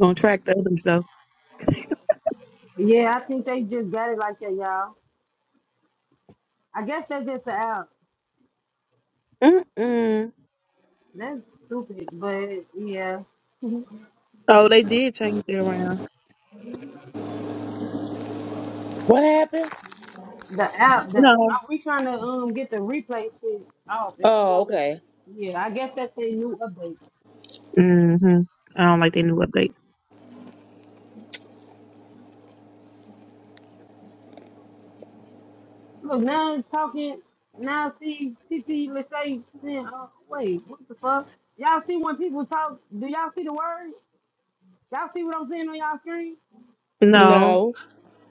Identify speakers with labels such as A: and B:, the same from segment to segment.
A: Gonna track the others though.
B: Yeah, I think they just got it like that, y'all. I guess that's just the app.
A: Mm-mm.
B: That's stupid, but yeah,
A: Oh, they did change it around.
C: What happened?
B: the app. The
A: No.
B: I, we trying to um get the replay shit off, and it
C: Oh,
B: won't.
C: okay.
B: Yeah, I guess that's their new update.
A: Mm-hmm. I don't like their new update.
B: Look, now it's talking. Now see, CC, let's say, saying, uh, wait, what the fuck? Y'all see when people talk? Do y'all see the words? Y'all see what I'm saying on y'all screen?
A: No.
C: No.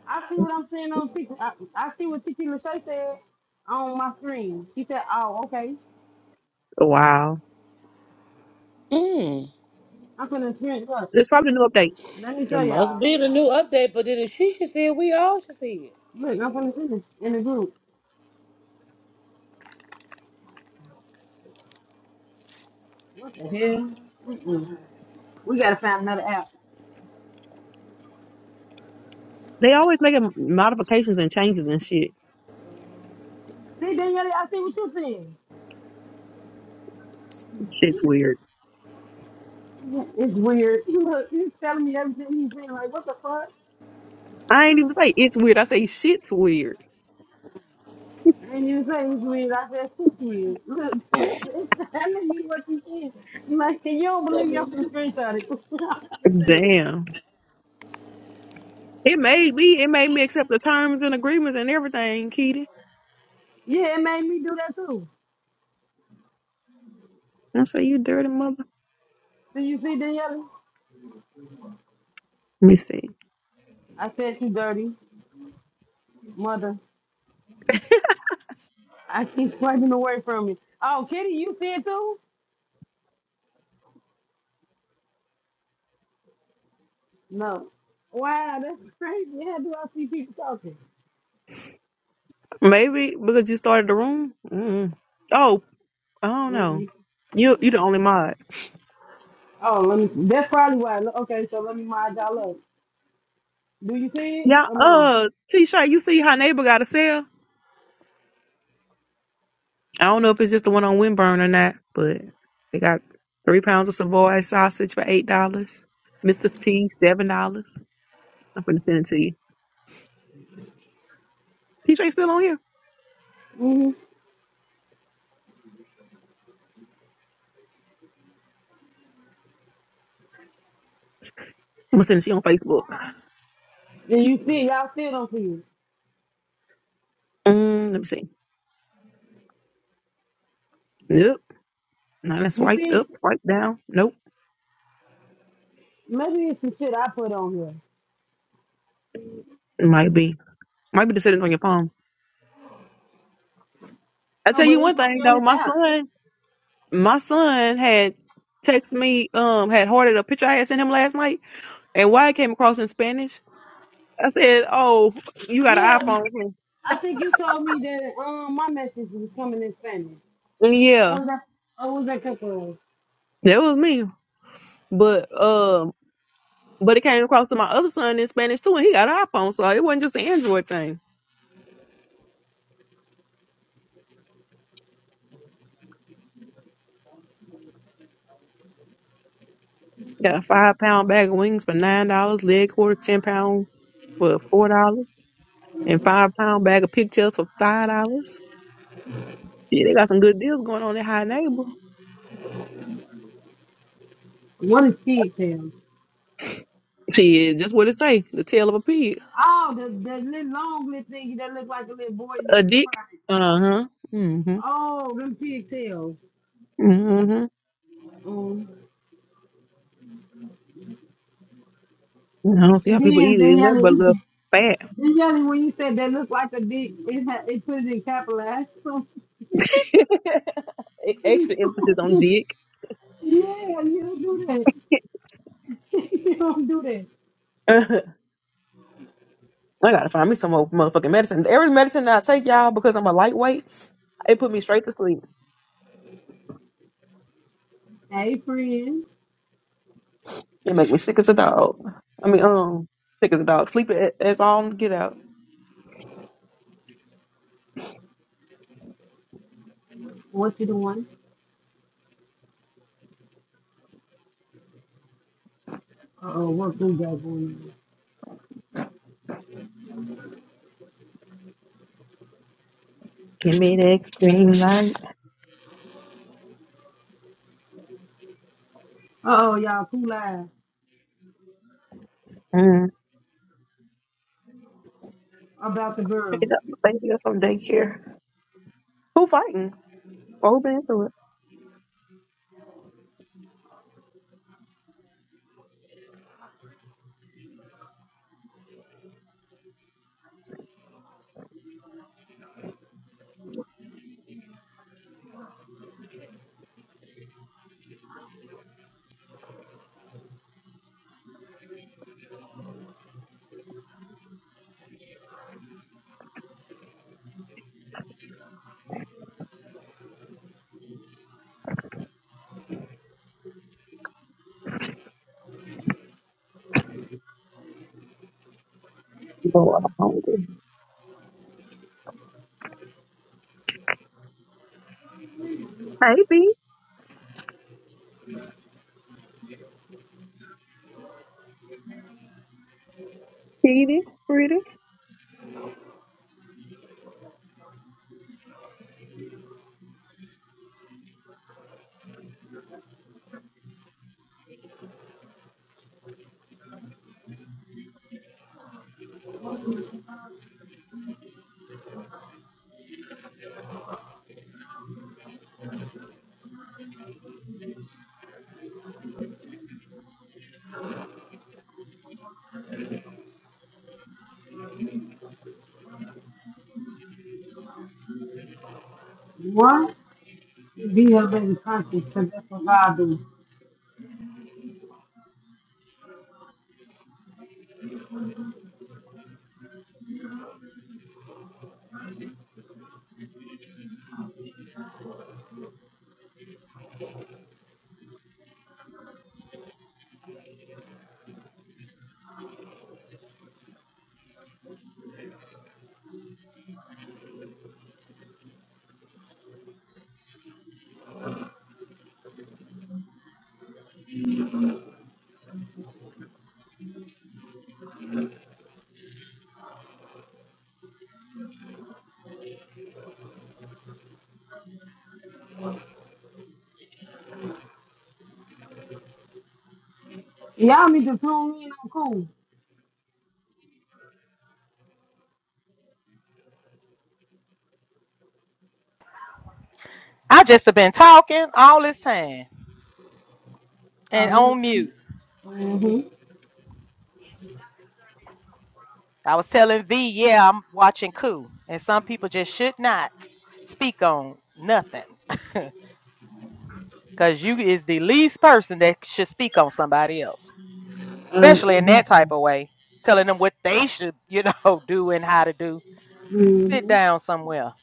B: I see what I'm saying on. CC I, I see what CC Lachey said on my screen. She said, "Oh, okay."
A: Wow.
C: Mm.
B: I'm finna finish. Look,
A: It's probably a new update.
B: let me
C: It
B: show
C: must
B: y'all.
C: be the new update, but then if she should see it, we all should see it.
B: Look, I'm finna finish in the group. What the hell? Mm-mm. We gotta find another app.
A: They always making modifications and changes and shit.
B: See, Danielle, I see what you're seeing.
A: Shit's weird.
B: It's weird. Look, he's telling me everything he's saying. Like, what the fuck?
A: I ain't even say it's weird. I say shit's weird.
B: And you say it's weird. I said, shit's weird. Look, it's, it's telling me what you see. Like, "Hey, you don't believe me. I'm finna screenshot it. I'm finna send it.
A: Damn. It made me. It made me accept the terms and agreements and everything, Kitty.
B: Yeah, it made me do that too.
A: I say you dirty mother.
B: So you see, Danielle?
A: Let me see.
B: I said, you dirty mother. I keep swiping away from me. Oh, Kitty, you see it too? No. Wow, that's crazy. How do I see people talking?
A: Maybe because you started the room. Mm-mm. Oh, I don't know.
B: Mm-mm.
A: You you the only mod.
B: Oh, let me. That's probably why. Look, Okay, so let me mind y'all up. Do you see it
A: Yeah,
B: or no?
A: uh, T-shirt, you see how neighbor got a sale? I don't know if it's just the one on Windburn or not, but they got three pounds of Savoy sausage for eight dollars. Mr. T, seven dollars. I'm gonna send it to you. T-shirt still on here?
B: hmm
A: I'm gonna send it to you on Facebook.
B: And you see it. Y'all still don't see it.
A: Mm, let me see. Nope. Now that's
B: You
A: swiped
B: see it?
A: up, swiped down. Nope.
B: Maybe it's some shit I put on here.
A: It might be. Might be the settings on your phone. I
B: No,
A: tell
B: but
A: you one
B: it's
A: thing
B: only on
A: though,
B: this
A: my
B: app.
A: son, my son had texted me, um, had hearted a picture I had sent him last night, and why it came across in Spanish. I said, "Oh, you got an
B: Yeah, but
A: iPhone?" in here?"
B: I think you told me that um my message was coming in Spanish.
A: And yeah,
B: Or was that? Or was that couple of?
A: that was me. But um, but it came across to my other son in Spanish too, and he got an iPhone, so it wasn't just an Android thing. Got a five pound bag of wings for nine dollars, leg quarter ten pounds for four dollars, and five pound bag of pigtails for five dollars. Yeah, they got some good deals going on in High Neighbor.
B: What is pigtails?
A: Shit, just what it say, the tail of a pig,
B: Oh, the the little long little thing that look like a little boy
A: a
B: little
A: dick.
B: pride.
A: Uh huh. Mhm.
B: Oh, them pigtails.
A: Mhm.
B: Um,
A: I don't see how
B: and
A: people
B: then
A: eat
B: they
A: it in that, but a
B: yelling,
A: little
B: they
A: fat.
B: yelling when you said they look like a dick. It ha- it put it in capitalized. So yeah,
A: Extra emphasis on dick.
B: you don't do that. you don't do that.
A: I gotta find me some more motherfucking medicine. Every medicine that I take, y'all, because I'm a lightweight, it put me straight to sleep.
B: Hey, friend,
A: It make me sick as a dog. I mean, um, sick as a dog. Sleep it as on get out.
B: what you doing? Uh oh, what do got going
A: Give me that green light.
B: on? Uh oh, y'all, cool live
A: Mm.
B: about the
A: Pick it
B: girl.
A: up, baby, up from daycare. Who fighting? Or who been into it? Lord, I'm hungry. Hey, B. pretty.
B: What? Be her baby conscious, cause that's what God do. Y'all need to tune in on cool.
D: I just have been talking all this time
B: Oh,
D: and
B: you.
D: on mute.
B: Mm-hmm.
D: I was telling V, yeah, I'm watching Coup, and some people just should not speak on nothing, cause you is the least person that should speak on somebody else,
B: Uh,
D: especially in that type
B: exactly.
D: of way, telling them what they should, you know, do and how to do. Sit
B: Mhm.
D: down somewhere.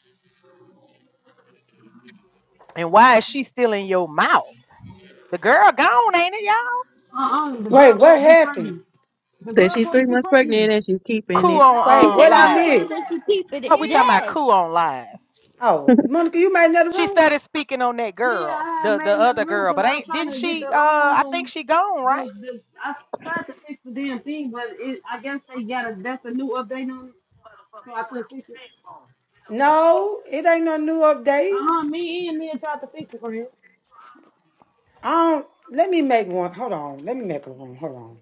D: And why is she still in your mouth? The girl gone, ain't it, y'all?
B: Uh-uh, the girl
E: Wait, what
B: supposed to be
E: happened?
B: pregnant. The
A: Said
B: girl
A: she's three
B: supposed to be
A: months pregnant
B: pregnant.
A: and she's keeping
D: Coup
A: it.
B: Y'all
E: Wait,
B: ain't
F: She
B: hear
D: on um
F: said
E: what
B: me
F: she
B: when
E: I
B: I
D: live.
B: said
F: pregnant
E: missed?
F: when
B: that?
F: she peeping
D: Oh,
F: it.
D: we talking
B: Yeah.
D: about
F: Yes.
D: Coup on live.
E: Oh, Monica, you made another
D: She
E: room?
D: started speaking on that
B: Yeah,
D: girl,
B: I had
D: the
B: made
D: the
B: another
D: other
B: room
D: girl,
B: because
D: but
B: I was
D: ain't
B: trying
D: didn't
B: to get
D: she? Uh,
B: the,
D: I think
B: um,
D: she gone right.
B: the, the, I tried to fix the damn thing, but it, I guess they got a, that's a new update on it, so I couldn't fix it.
E: No, it ain't no new update.
B: Uh-huh, me and me tried to fix it for him.
E: I don't. Let me make one. Hold on. Let me make a room. Hold on.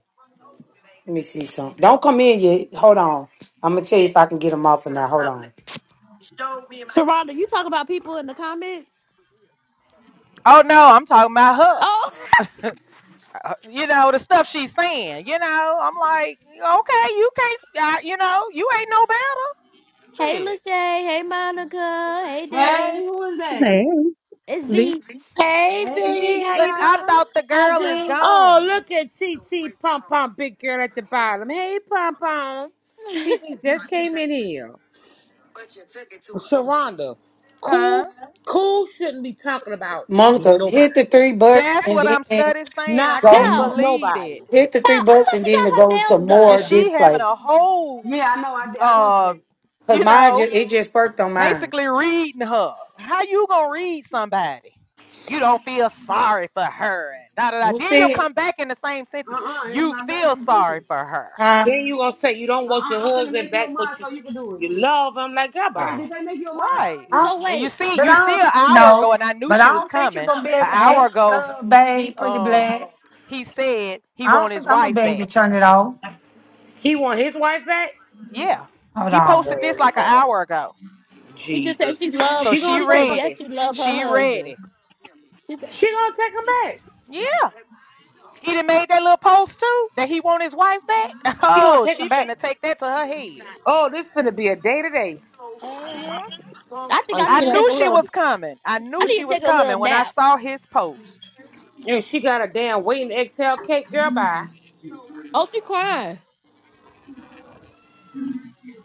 E: Let me see something. Don't come in yet. Hold on. I'm gonna tell you if I can get them off or not. Hold on.
F: Sharonda, you talk about people in the comments?
D: Oh no, I'm talking about her.
F: Oh.
D: Uh, You know the stuff she's saying. You know, I'm like, okay, you can't. Uh, you know, you ain't no better.
F: hey,
D: Shit.
F: Lachey. Hey, Monica. Hey, Dan.
B: Hey, who is that?
A: hey,
F: It's
A: V.
F: V.
C: Hey,
B: Hey,
C: V,
B: big
C: how
D: But
C: you
B: girl.
D: I
C: doing?
D: thought the
F: I'm
D: girl is
F: good.
C: Oh,
D: gone,
C: look at TT Pom Pom, big girl at the bottom. Hey, Pom Pom.
F: Yo,
C: TT just came in here. Sharonda,
D: huh?
C: cool, cool shouldn't be talking about
E: Monica,
C: nobody.
E: hit the three buttons
D: That's
E: and
D: what I'm
E: then
D: study saying. I
C: Not
E: go.
D: can't
F: yo,
D: believe
C: nobody.
D: it.
E: Hit the three
F: I
E: buttons
F: thought
E: and
F: she
E: then
F: got
E: to
F: her
E: go to
F: nails
D: And
E: more
F: done.
D: she having
E: display.
D: a whole,
B: Yeah, I know, I, did- I went to
D: uh,
B: that.
E: Cause
D: you
E: mine
D: know,
E: just it just worked on mine.
D: basically reading her. How you gonna read somebody? You don't feel sorry for her and da da da.
E: You
D: Then you'll
E: see it?
D: come back in the same sentence.
B: Uh-uh, it's
D: You
B: not nothing
D: feel
B: to do with
D: sorry
B: it.
D: for her.
E: Huh?
C: Then you gonna say you don't want your
B: Uh-uh, I'm finna
C: husband
B: make you a
C: back,
B: mod
C: but you
B: so you can do it.
C: you love him. Like, goodbye.
B: Wait,
E: Oh.
B: did they make you a mod
D: Right.
E: I,
B: already?
E: don't-
F: So
D: And you
F: wait,
D: see,
E: but
D: you
E: I
D: see
E: don't
D: an hour ago,
E: no.
D: and I knew
E: But
D: she
E: I
D: was
E: don't think
D: coming.
E: you're gonna be
D: An
E: able. Hey,
D: hour ago,
E: uh,
D: he he
E: babe, pretty
D: um
E: black.
D: he said he
E: I don't
D: want his
E: think I'm gonna be
D: wife
E: able to
D: back.
E: turn it off.
C: He want his wife back?
D: Yeah.
E: Hold
D: He posted
E: on.
D: this like an hour ago.
F: she just said
C: Jesus.
F: she loved.
D: So
C: She
D: she
C: gonna
F: She said
C: take him.
D: read
F: yes,
D: it.
F: she loved her
D: She read
F: husband.
D: it.
F: She said,
C: She gonna take him back.
D: Yeah. He done made that little post too that he want his wife back.
C: She gonna
D: Oh,
C: take
D: she
C: him back.
D: finna take that to her head.
C: Oh, this finna be a day today.
D: hmm
F: I think I
C: And
D: I
C: she,
F: need to
C: done-
F: take
D: knew
F: a
D: she
F: little.
D: was coming. I
F: I
D: knew
F: need
D: she
F: to
D: was
F: take a little
D: coming when I
F: nap.
D: saw his post.
C: and she got a damn waiting to exhale cake, girl. Bye.
F: Oh, she crying.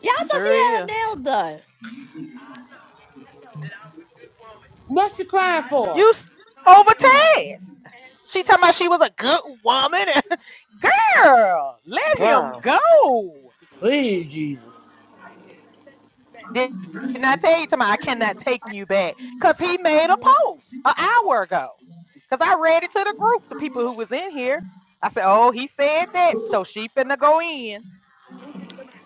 F: Yeah, I thought she
D: Sure
F: had
D: is.
F: her nails done.
C: What's she crying for,
D: You s- over Taz. She talking about she was a good woman. Girl, let him
C: girl?
D: go.
C: Please, Jesus.
D: Did not tell you tomorrow I cannot take you back? Cause he made a post an hour ago. Cause I read it to the group, the people who was in here. I said, Oh, he said that, so she finna go in.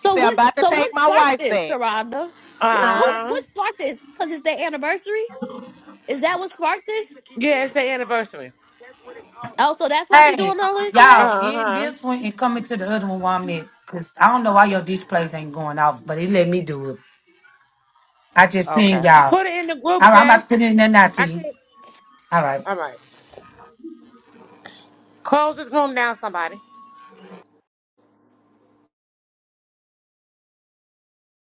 D: He said, I'm
F: what?
D: about to
F: So
D: take
F: what
D: my
F: sparked
D: wife
F: this,
D: back.
F: Saranda?
C: Uh
F: What? Who?
D: Huh?
C: huh.
F: What sparked this? Cause it's their anniversary. Is that what sparked this?
C: Yeah, it's the anniversary.
F: Oh, so that's why she
E: Hey,
F: doing all this today.
E: y'all,
C: Uh
E: end
C: huh.
E: this one and come into the other one while I'm at. Cause I don't know why your displays ain't going off, but it let me do it. I just
D: Okay.
E: pinged y'all.
C: Put it in the group,
E: All right, I'm about to put
C: Jess.
E: it in there now,
C: I
E: T.
C: can't.
E: All right.
C: All right. Close this room down, somebody.